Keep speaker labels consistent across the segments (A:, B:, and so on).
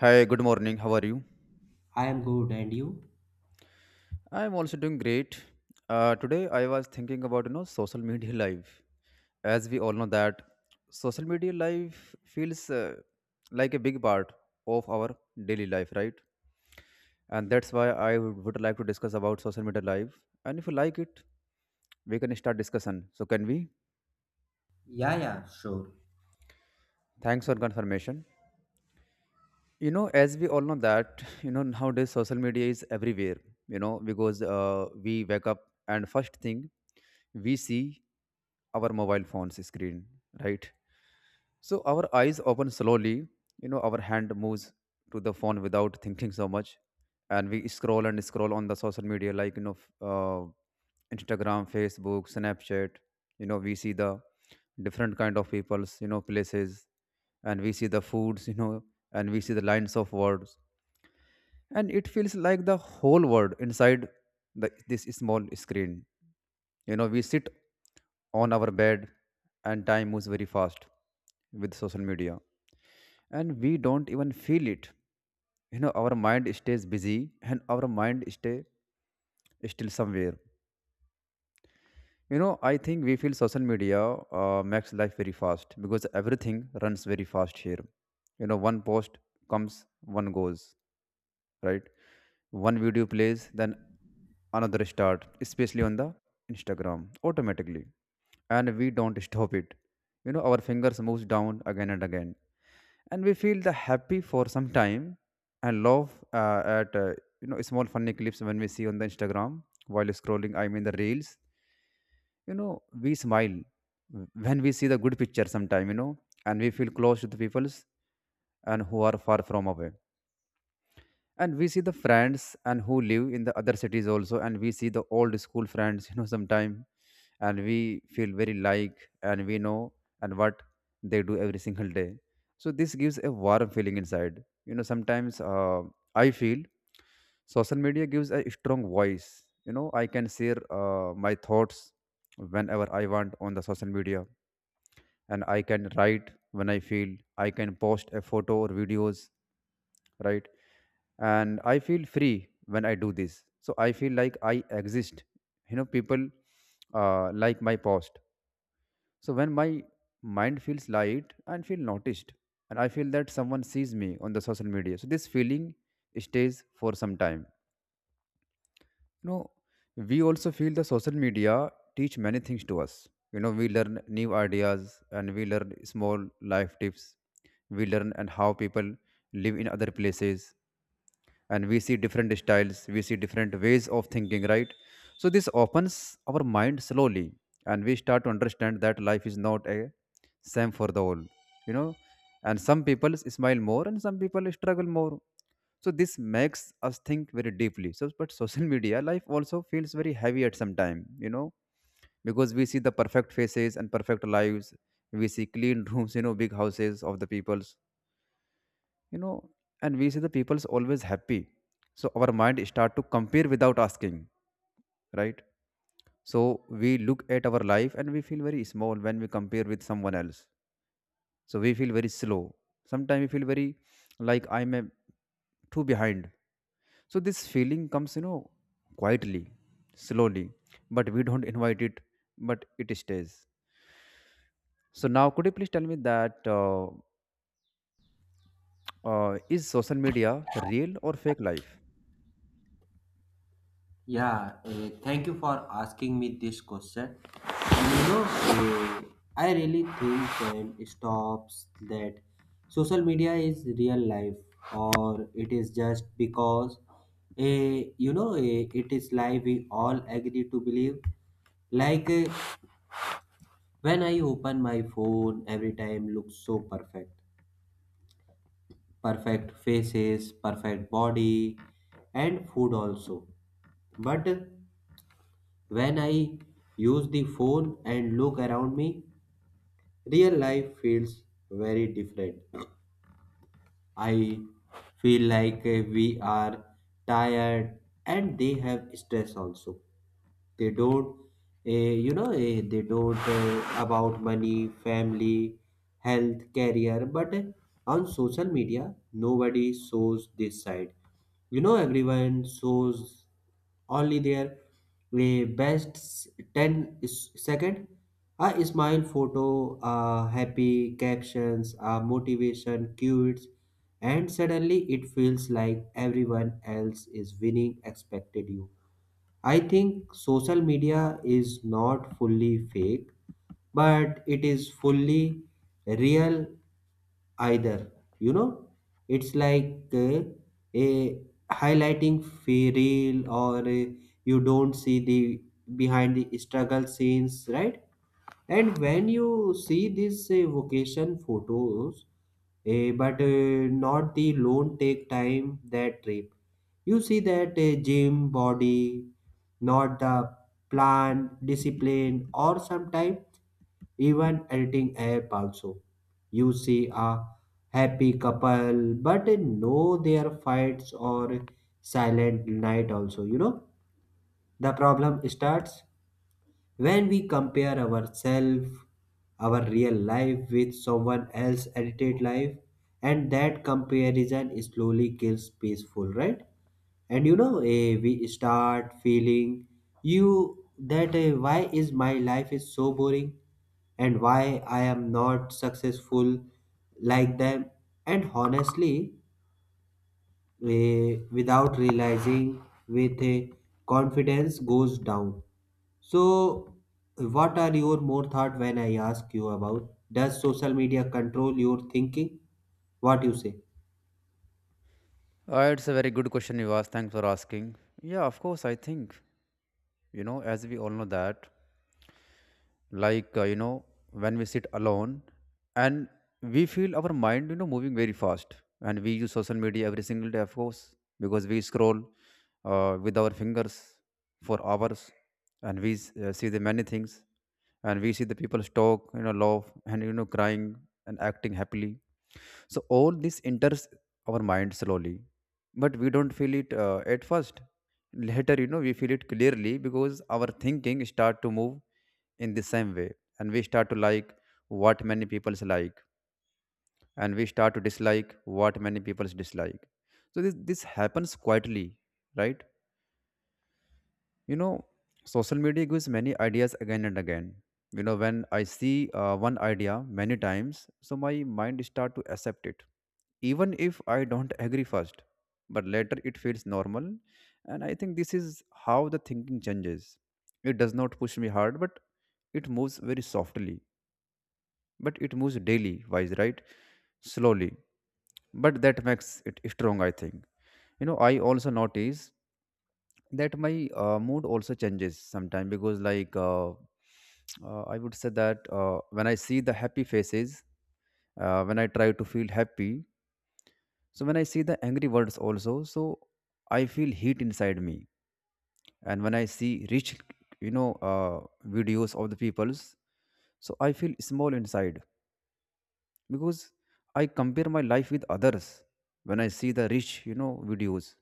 A: Hi, good morning. How are you?
B: I am good, and you?
A: I'm also doing great. Today I was thinking about social media life. As we all know that social media life feels like a big part of our daily life, right? And that's why I would like to discuss about social media life. And if you like it, we can start discussion. So can we?
B: Yeah, yeah, sure.
A: Thanks for confirmation. As we all know that nowadays social media is everywhere because we wake up, and first thing we see our mobile phone's screen, right? So our eyes open slowly, our hand moves to the phone without thinking so much, and we scroll and scroll on the social media like Instagram, Facebook, Snapchat. We see the different kind of people's, places, and we see the foods, and we see the lines of words, and it feels like the whole world inside the this small screen. We sit on our bed, and time moves very fast with social media, and we don't even feel it. Our mind stays busy, and our mind stay still somewhere. I think we feel social media makes life very fast, because everything runs very fast here. One post comes, one goes, right? One video plays, then another start, especially on the Instagram, automatically. And we don't stop it. Our fingers moves down again and again, and we feel the happy for some time and love at small funny clips when we see on the Instagram while scrolling, I mean the reels. We smile when we see the good picture sometime. And we feel close to the peoples and who are far from away, and we see the friends and who live in the other cities also, and we see the old school friends sometime. And we feel very like, and we know and what they do every single day. So this gives a warm feeling inside. Sometimes I feel social media gives a strong voice. I can share my thoughts whenever I want on the social media, and I can write when I feel, I can post a photo or videos, right? And I feel free when I do this, so I feel like I exist. People like my post, so when my mind feels light and feel noticed, and I feel that someone sees me on the social media, so this feeling stays for some time you know we also feel the social media teach many things to us. We learn new ideas, and we learn small life tips, we learn and how people live in other places, and we see different styles, we see different ways of thinking, right? So this opens our mind slowly, and we start to understand that life is not a same for the all you know and some people smile more, and some people struggle more, so this makes us think very deeply. So but social media life also feels very heavy at some time. Because we see the perfect faces and perfect lives, we see clean rooms, big houses of the peoples you know and we see the people's always happy, so our mind start to compare without asking, right? So we look at our life, and we feel very small when we compare with someone else, so we feel very slow. Sometimes we feel very, like, I'm a too behind. So this feeling comes quietly, slowly, but we don't invite it, but it stays. So now could you please tell me that is social media real or fake life?
B: Yeah, thank you for asking me this question. And you know, I really think and stops that social media is real life, or it is just because, it is lie we all agree to believe. Like when I open my phone, every time looks so perfect. Perfect faces, perfect body, and food also. But when I use the phone and look around me, real life feels very different. I feel like we are tired and they have stress also. They don't they don't about money family health career, but on social media nobody shows this side. You know, everyone shows only their best 10 second, a smile photo, a happy captions, a motivation cues, and suddenly it feels like everyone else is winning expected you. I think social media is not fully fake, but it is fully real either. You know, it's like a reel, or you don't see the behind the struggle scenes, right? And when you see these vacation photos, eh, but not the loan take time that trip. You see that gym body, not the plan, discipline, or sometimes even editing app also. You see a happy couple, but no their fights or silent night also. You know, the problem starts when we compare ourselves, our real life, with someone else's edited life, and that comparison slowly kills peaceful, right? And you know, we start feeling you that why is my life is so boring, and why I am not successful like them. And honestly, we, without realizing with a confidence goes down. So, what are your more thought when I ask you about does social media control your thinking? What you say?
A: It's a very good question you asked. Thanks for asking. Yeah, of course, I think, as we all know that, like, when we sit alone and we feel our mind moving very fast, and we use social media every single day, of course, because we scroll with our fingers for hours, and we see the many things, and we see the people talk, laugh, and crying and acting happily. So all this enters our mind slowly, but we don't feel it at first. Later, we feel it clearly, because our thinking start to move in the same way, and we start to like what many people's like, and we start to dislike what many people's dislike. So this happens quietly, right? you know Social media gives many ideas again and again. When I see one idea many times, so my mind start to accept it, even if I don't agree first, but later it feels normal. And I think this is how the thinking changes. It does not push me hard, but it moves very softly, but it moves daily wise, right? Slowly, but that makes it strong, I think. I also notice that my mood also changes sometimes, because, like, I would say that when I see the happy faces, when I try to feel happy, so when I see the angry words also, so I feel heat inside me. And when I see rich you know uh, videos of the peoples, so I feel small inside, because I compare my life with others when I see the rich videos.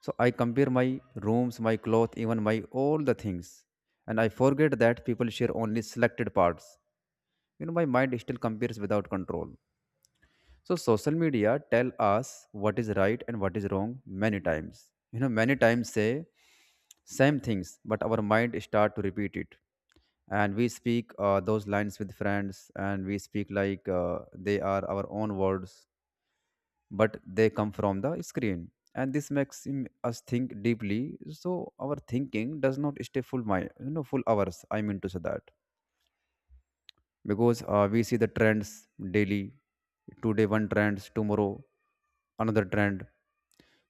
A: So I compare my rooms, my cloth, even my all the things, and I forget that people share only selected parts. My mind still compares without control. So social media tell us what is right and what is wrong many times. Many times say same things, but our mind start to repeat it, and we speak those lines with friends, and we speak like, they are our own words, but they come from the screen. And this makes us think deeply. So our thinking does not stay full my full hours, I mean to say that, because we see the trends daily. Today one trends, tomorrow another trend,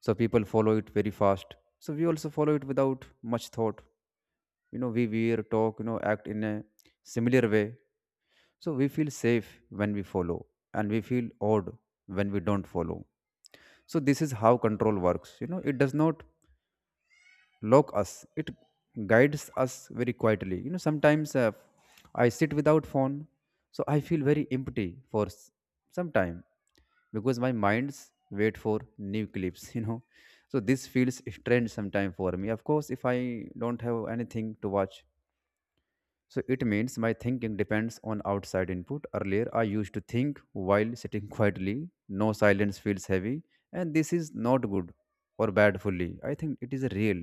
A: so people follow it very fast, so we also follow it without much thought. We wear, talk, act in a similar way, so we feel safe when we follow, and we feel odd when we don't follow. So this is how control works. It does not lock us; it guides us very quietly. Sometimes, I sit without phone, so I feel very empty for some time, because my mind's wait for new clips. So this feels strange sometimes for me. Of course, if I don't have anything to watch, so it means my thinking depends on outside input. Earlier, I used to think while sitting quietly. No, silence feels heavy, and this is not good or bad fully. I think it is real,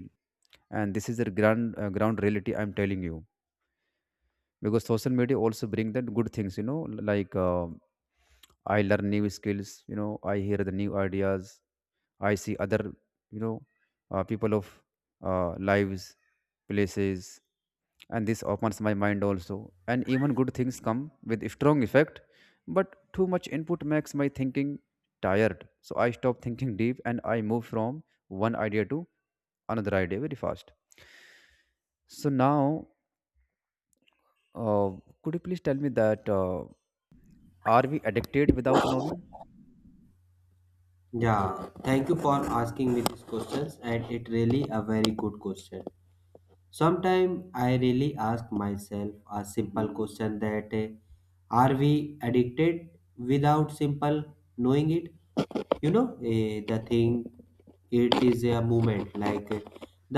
A: and this is the ground reality I'm telling you. Because social media also bring that good things, like, I learn new skills. I hear the new ideas, I see other, you know, uh, people of lives, places, and this opens my mind also. And even good things come with strong effect, but too much input makes my thinking tired. So I stop thinking deep, and I move from one idea to another idea very fast. So now, uh, could you please tell me that are we addicted without knowing?
B: Yeah, thank you for asking me these questions, and it really a very good question. Sometimes I really ask myself a simple question that are we addicted without simple knowing it? You know, the thing it is a movement like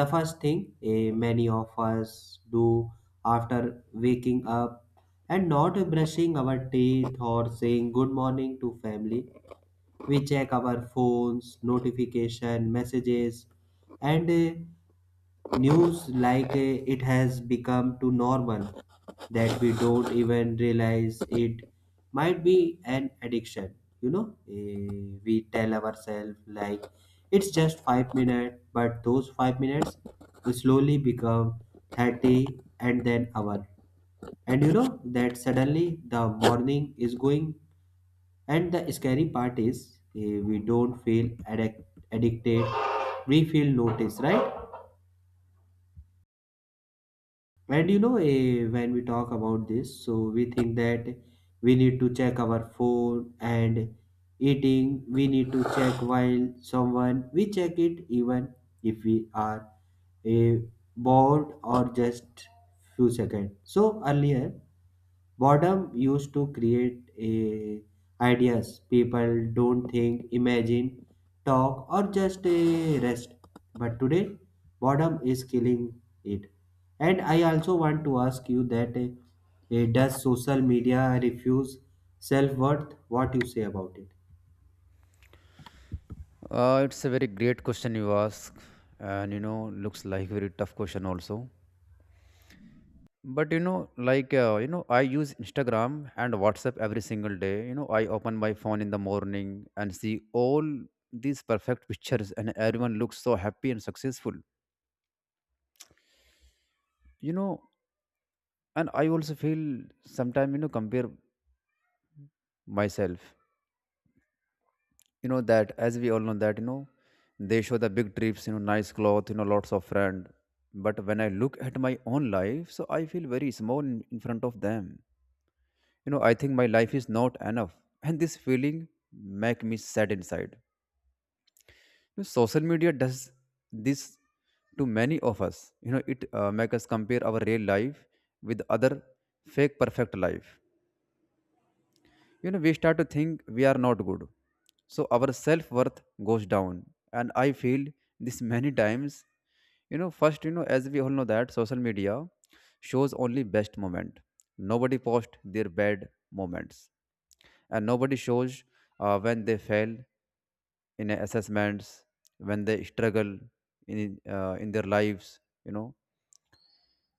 B: the first thing many of us do after waking up and not brushing our teeth or saying good morning to family. We check our phones, notification, messages, and news like it has become too normal that we don't even realize it might be an addiction. You know, we tell ourselves like it's just 5 minutes, but those 5 minutes slowly become 30, and then hour, and you know that suddenly the morning is going. And the scary part is we don't addicted, we feel noticed, right? And you know, when we talk about this, so we think that we need to check our phone and eating, we need to check while someone, we check it even if we are eh, bored or just few seconds. So earlier, boredom used to create a ideas. People don't think, imagine, talk, or just a rest. But today, boredom is killing it. And I also want to ask you that does social media refuse self worth? What you say about it?
A: It's a very great question you ask, and looks like very tough question also. But you know, I use Instagram and WhatsApp every single day. You know, I open my phone in the morning and see all these perfect pictures, and everyone looks so happy and successful. You know, and I also feel sometimes, you know, compare myself. You know, that as we all know that, you know, they show the big trips, you know, nice clothes, you know, lots of friend. But when I look at my own life, so I feel very small in front of them. You know, I think my life is not enough and this feeling make me sad inside. You know, social media does this to many of us. You know, it make us compare our real life with other fake perfect life. You know, we start to think we are not good, so our self worth goes down. And I feel this many times. You know, first, you know, as we all know that social media shows only best moment. Nobody post their bad moments, and nobody shows when they fail in assessments, when they struggle in their lives. You know,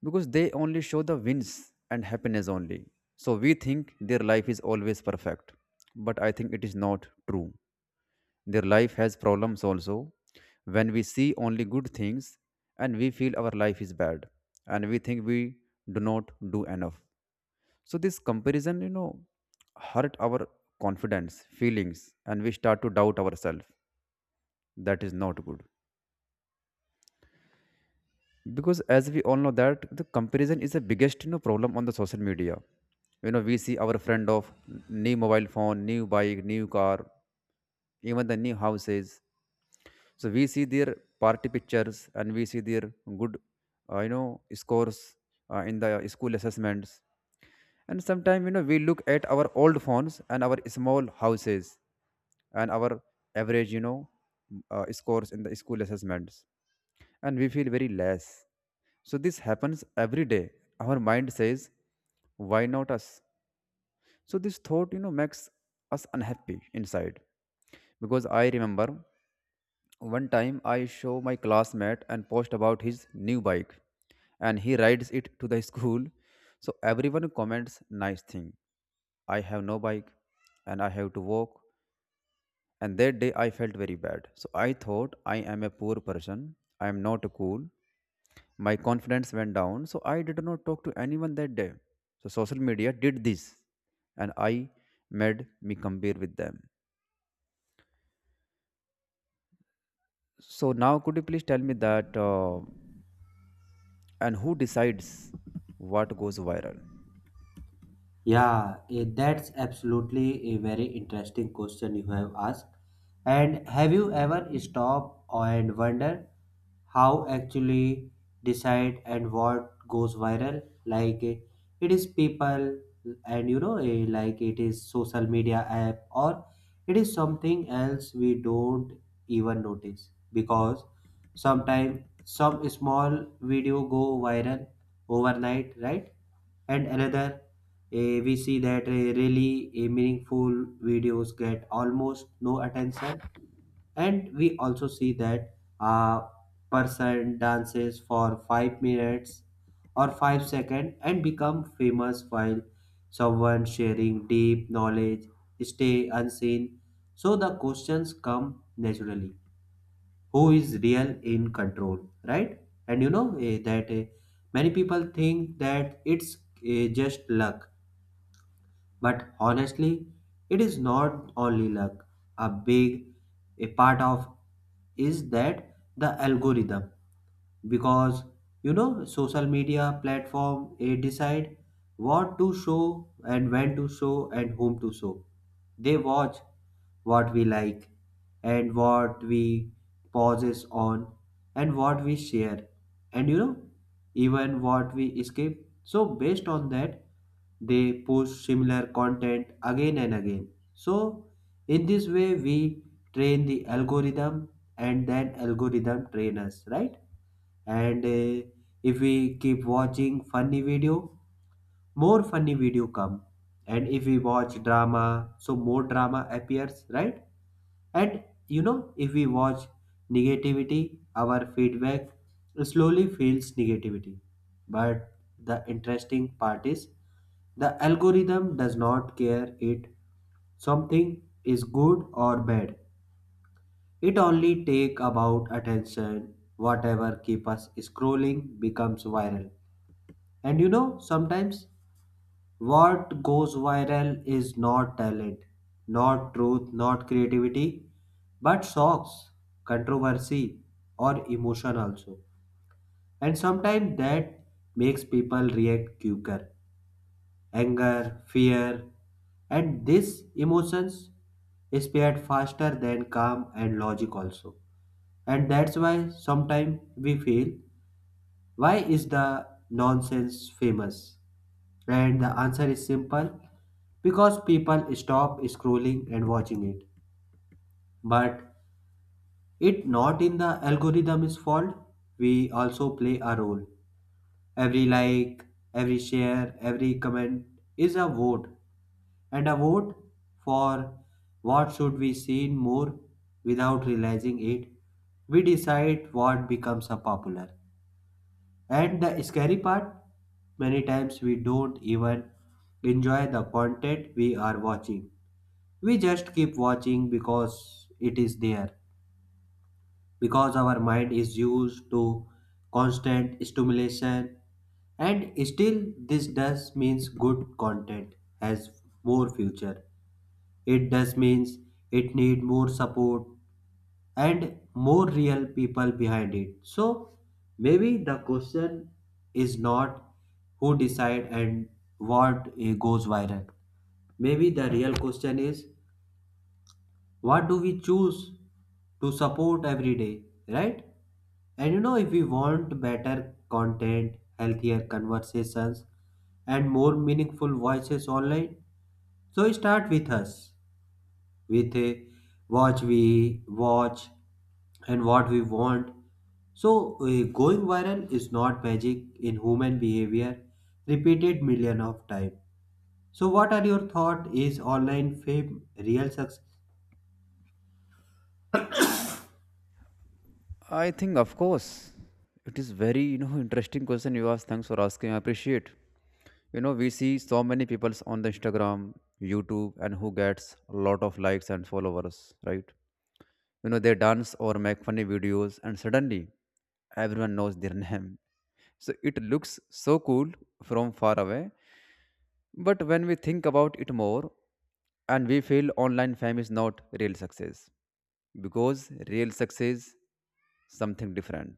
A: because they only show the wins and happiness only, so we think their life is always perfect. But I think it is not true. Their life has problems also. When we see only good things, and we feel our life is bad, and we think we do not do enough. So this comparison, you know, hurt our confidence, feelings, and we start to doubt ourselves. That is not good. Because as we all know that the comparison is the biggest, you know, problem on the social media. You know, we see our friend of new mobile phone, new bike, new car, even the new houses. So we see their party pictures, and we see their good, you know, scores in the school assessments. And sometimes, you know, we look at our old phones and our small houses and our average, you know, scores in the school assessments, and we feel very less. So this happens every day. Our mind says, why not us? So this thought, you know, makes us unhappy inside. Because I remember one time I show my classmate and post about his new bike, and he rides it to the school. So everyone comments nice thing. I have no bike and I have to walk. And that day I felt very bad. So I thought I am a poor person. I am not cool. My confidence went down. So I did not talk to anyone that day. So social media did this and I made me compare with them. So now could you please tell me that and who decides what goes viral?
B: Yeah, that's absolutely a very interesting question you have asked. And have you ever stopped and wondered how actually decide and what goes viral? Like it is people, and you know like it is social media app, or it is something else we don't even notice, because sometimes some small video go viral overnight, right? And another we see that meaningful videos get almost no attention, and we also see that a person dances for 5 minutes or 5 seconds and become famous while someone sharing deep knowledge stay unseen. So the questions come naturally, who is real in control, right? And you know many people think that it's just luck. But honestly, it is not only luck. A big a part of is that the algorithm, because you know social media platform they decide what to show and when to show and whom to show. They watch what we like and what we pauses on and what we share, and you know even what we skip. So based on that, they post similar content again and again. So in this way we train the algorithm, and then algorithm train us, right? And if we keep watching funny video, more funny video come. And if we watch drama, so more drama appears, right? And you know, if we watch negativity, our feedback slowly feels negativity. But the interesting part is the algorithm does not care it something is good or bad. It only take about attention. Whatever keep us scrolling becomes viral. And you know, sometimes what goes viral is not talent, not truth, not creativity, but shocks, controversy, or emotion also. And sometimes that makes people react quicker. Anger, fear, and these emotions spread faster than calm and logic also. And that's why sometimes we feel, why is the nonsense famous? And the answer is simple, because people stop scrolling and watching it. But it not in the algorithm's fault. We also play a role. Every like, every share, every comment is a vote, and a vote for what should we see more without realizing it. We decide what becomes a popular. And the scary part, many times we don't even enjoy the content we are watching. We just keep watching because it is there, because our mind is used to constant stimulation, and still, this does means good content has more future. It does means it need more support and more real people behind it. So maybe the question is not who decide and what goes viral. Maybe the real question is what do we choose to support every day, right? And you know, if we want better content, healthier conversations, and more meaningful voices online, so start with us, with watch we watch and what we want. So going viral is not magic in human behavior repeated million of times. So what are your thought, is online fame real success?
A: I think, of course, it is very, you know, interesting question you asked. Thanks for asking. I appreciate. You know, we see so many people on the Instagram, YouTube, and who gets a lot of likes and followers, right? You know, they dance or make funny videos, and suddenly everyone knows their name. So it looks so cool from far away. But when we think about it more, and we feel online fame is not real success, because real success something different.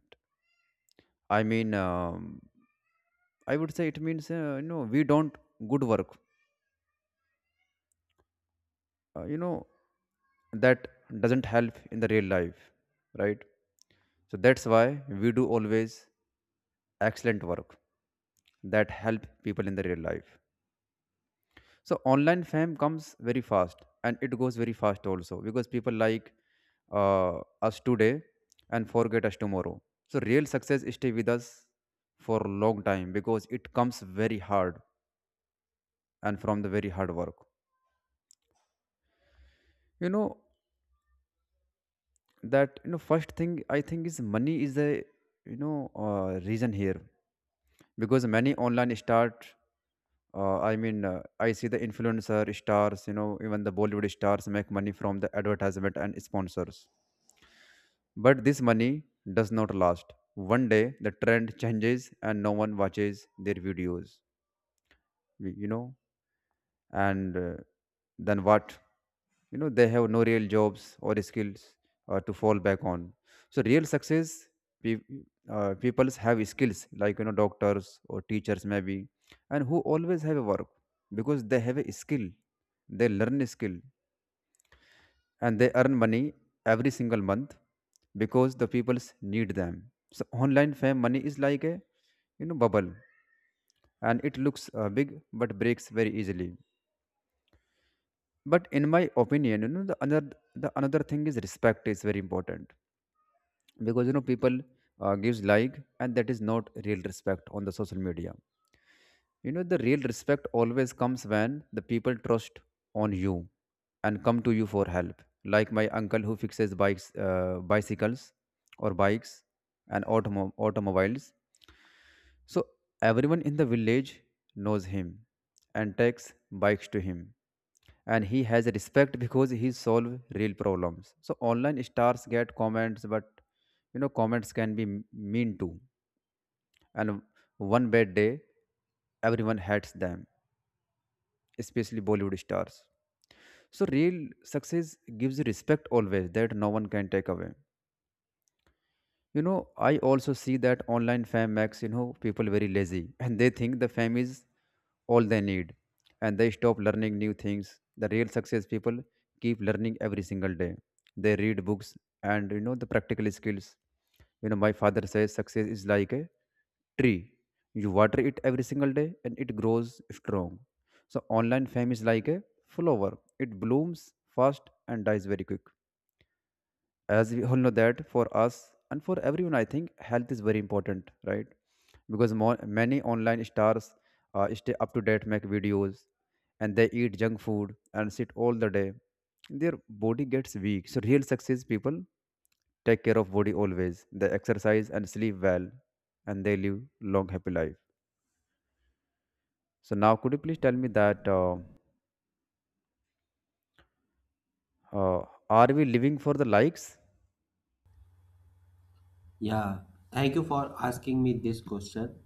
A: I mean, I would say it means, you know, we don't good work, you know, that doesn't help in the real life, right? So that's why we do always excellent work that help people in the real life. So online fame comes very fast and it goes very fast also, because people like us today and forget us tomorrow. So real success stay with us for a long time because it comes very hard and from the very hard work. You know, that, you know, first thing I think is money is a, you know, reason here, because many online start, I see the influencer stars, you know, even the Bollywood stars make money from the advertisement and sponsors. But this money does not last. One day the trend changes and no one watches their videos. You know, and then what? You know, they have no real jobs or skills to fall back on. So real success pe- people have skills, like, you know, doctors or teachers maybe, and who always have a work because they have a skill. They learn a skill and they earn money every single month because the people need them. So online fame money is like a, you know, bubble, and it looks big but breaks very easily. But in my opinion, you know, the another thing is respect is very important, because, you know, people gives like, and that is not real respect on the social media. You know, the real respect always comes when the people trust on you and come to you for help, like my uncle who fixes bikes, bicycles or bikes and automobiles. So everyone in the village knows him and takes bikes to him. And he has respect because he solve real problems. So online stars get comments, but, you know, comments can be mean too. And one bad day, everyone hates them, especially Bollywood stars. So real success gives respect always that no one can take away. You know, I also see that online fame makes, you know, people very lazy and they think the fame is all they need, and they stop learning new things. The real success people keep learning every single day. They read books, and, you know, the practical skills. You know, my father says success is like a tree. You water it every single day and it grows strong. So online fame is like a flower. It blooms fast and dies very quick. As we all know that for us and for everyone, I think health is very important, right? Because many online stars stay up to date, make videos, and they eat junk food and sit all the day. Their body gets weak. So real success people take care of body always. They exercise and sleep well, and they live long happy life. So now could you please tell me that are we living for the likes?
B: Yeah, thank you for asking me this question.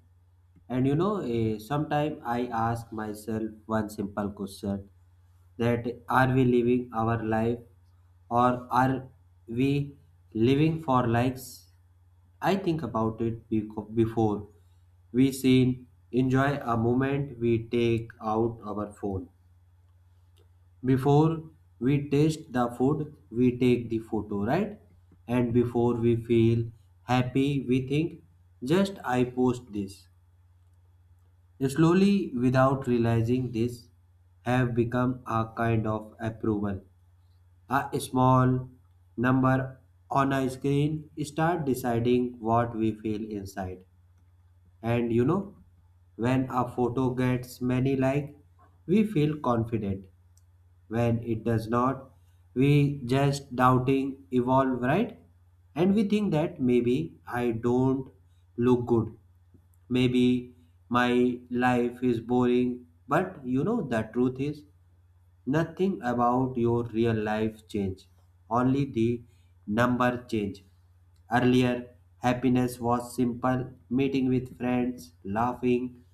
B: And you know, sometimes I ask myself one simple question that are we living our life, or are we living for likes? I think about it before we seen enjoy a moment we take out our phone, before we taste the food, we take the photo, right? And before we feel happy, we think, just I post this. Slowly, without realizing this, have become a kind of approval. A small number on a screen start deciding what we feel inside. And you know, when a photo gets many like, we feel confident. When it does not, we just doubting evolve, right? And we think that maybe I don't look good, maybe my life is boring, but you know the truth is nothing about your real life change, only the number change. Earlier, happiness was simple, meeting with friends, laughing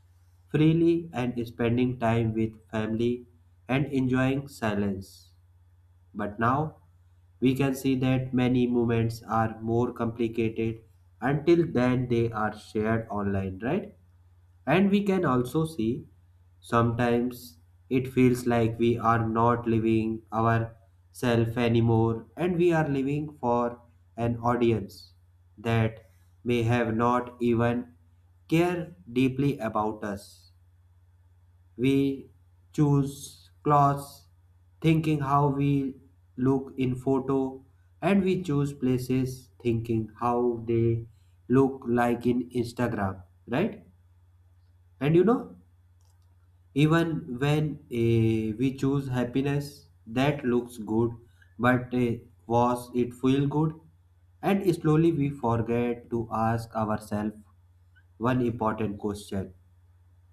B: freely, and spending time with family and enjoying silence. But now we can see that many movements are more complicated until then they are shared online, right? And we can also see sometimes it feels like we are not living ourself anymore, and we are living for an audience that may have not even care deeply about us. We choose clothes thinking how we look in photo, and we choose places thinking how they look like in Instagram, right? And you know, even when we choose happiness that looks good, but was it feel good? And slowly we forget to ask ourselves one important question,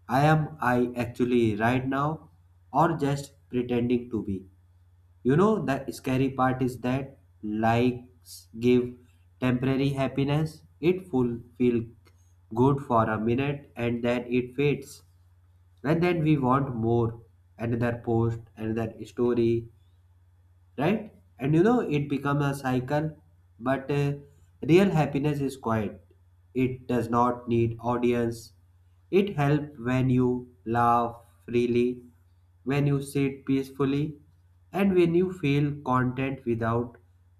B: I am I actually right now, or just pretending to be? You know, the scary part is that likes give temporary happiness. It full feel good for a minute, and then it fades. And then we want more. Another post, another story, right? And you know, it become a cycle. But real happiness is quiet. It does not need audience. It helps when you laugh freely, when you sit peacefully, and when you feel content without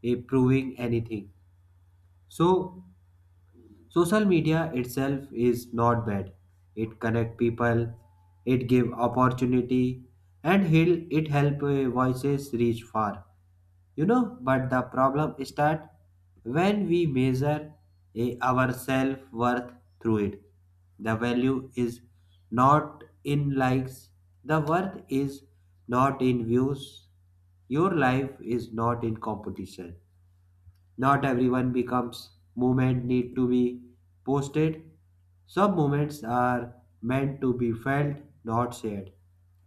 B: proving anything. So, social media itself is not bad. It connect people, it give opportunity, and it help voices reach far. You know, but the problem is that when we measure a, our self-worth through it, the value is not in likes, the worth is not in views, your life is not in competition, not everyone becomes movement need to be posted. Some moments are meant to be felt, not shared.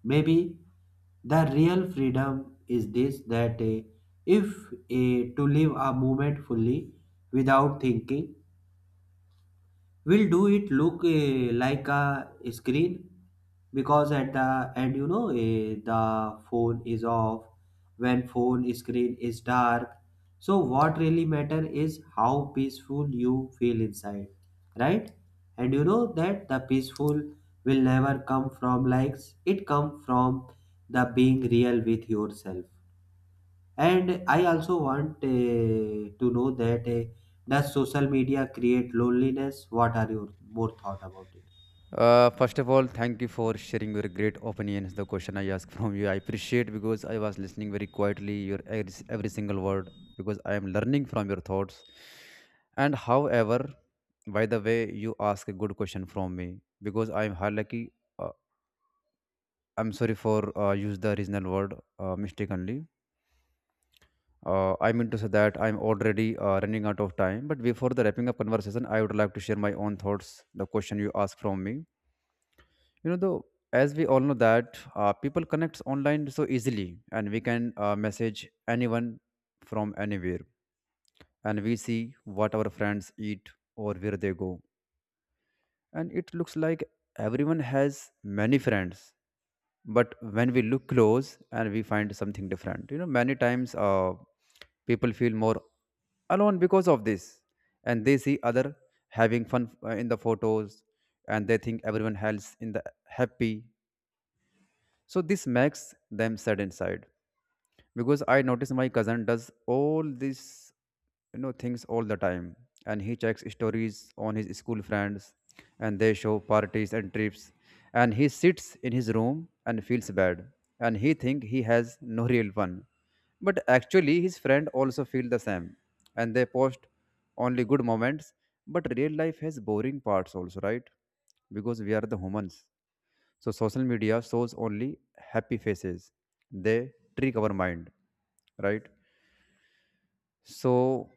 B: Maybe the real freedom is this, that eh, if eh, to live a moment fully without thinking will do it look like a screen. Because at the end, you know, the phone is off when phone screen is dark. So what really matter is how peaceful you feel inside, right? And you know that the peaceful will never come from likes, it come from the being real with yourself. And I also want to know that does social media create loneliness? What are your more thought about it?
A: First of all, thank you for sharing your great opinions. The question I asked from you, I appreciate, because I was listening very quietly your every single word, because I am learning from your thoughts. And however, by the way, you ask a good question from me because I am lucky. Uh, I'm sorry for use the original word mistakenly. I mean to say that I'm already running out of time. But before the wrapping up conversation, I would like to share my own thoughts. The question you asked from me, you know, though, as we all know that people connect online so easily, and we can message anyone from anywhere, and we see what our friends eat or where they go, and it looks like everyone has many friends. But when we look close, and we find something different, you know, many times, people feel more alone because of this, and they see other having fun in the photos, and they think everyone else in the happy. So this makes them sad inside, because I notice my cousin does all these, you know, things all the time, and he checks stories on his school friends, and they show parties and trips, and he sits in his room and feels bad, and he think he has no real fun. But actually his friend also feel the same, and they post only good moments. But real life has boring parts also, right? Because we are the humans. So social media shows only happy faces. They trick our mind, right? So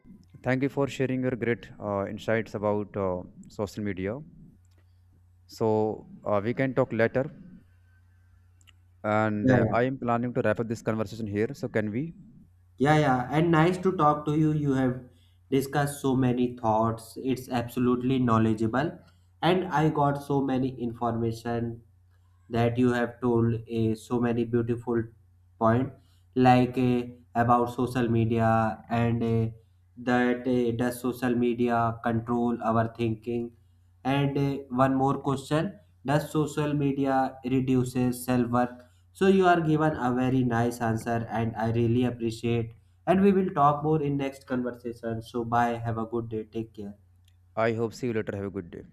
A: thank you for sharing your great insights about social media. So we can talk later, and
B: Yeah, yeah,
A: I am planning to wrap up this conversation here. So can we?
B: yeah, yeah. And nice to talk to you. You have discussed so many thoughts. It's absolutely knowledgeable, and I got so many information that you have told so many beautiful point, like about social media, and that does social media control our thinking, and one more question, does social media reduces self worth? So you are given a very nice answer, and I really appreciate. And we will talk more in next conversation. So bye, have a good day, take care.
A: I hope see you later. Have a good day.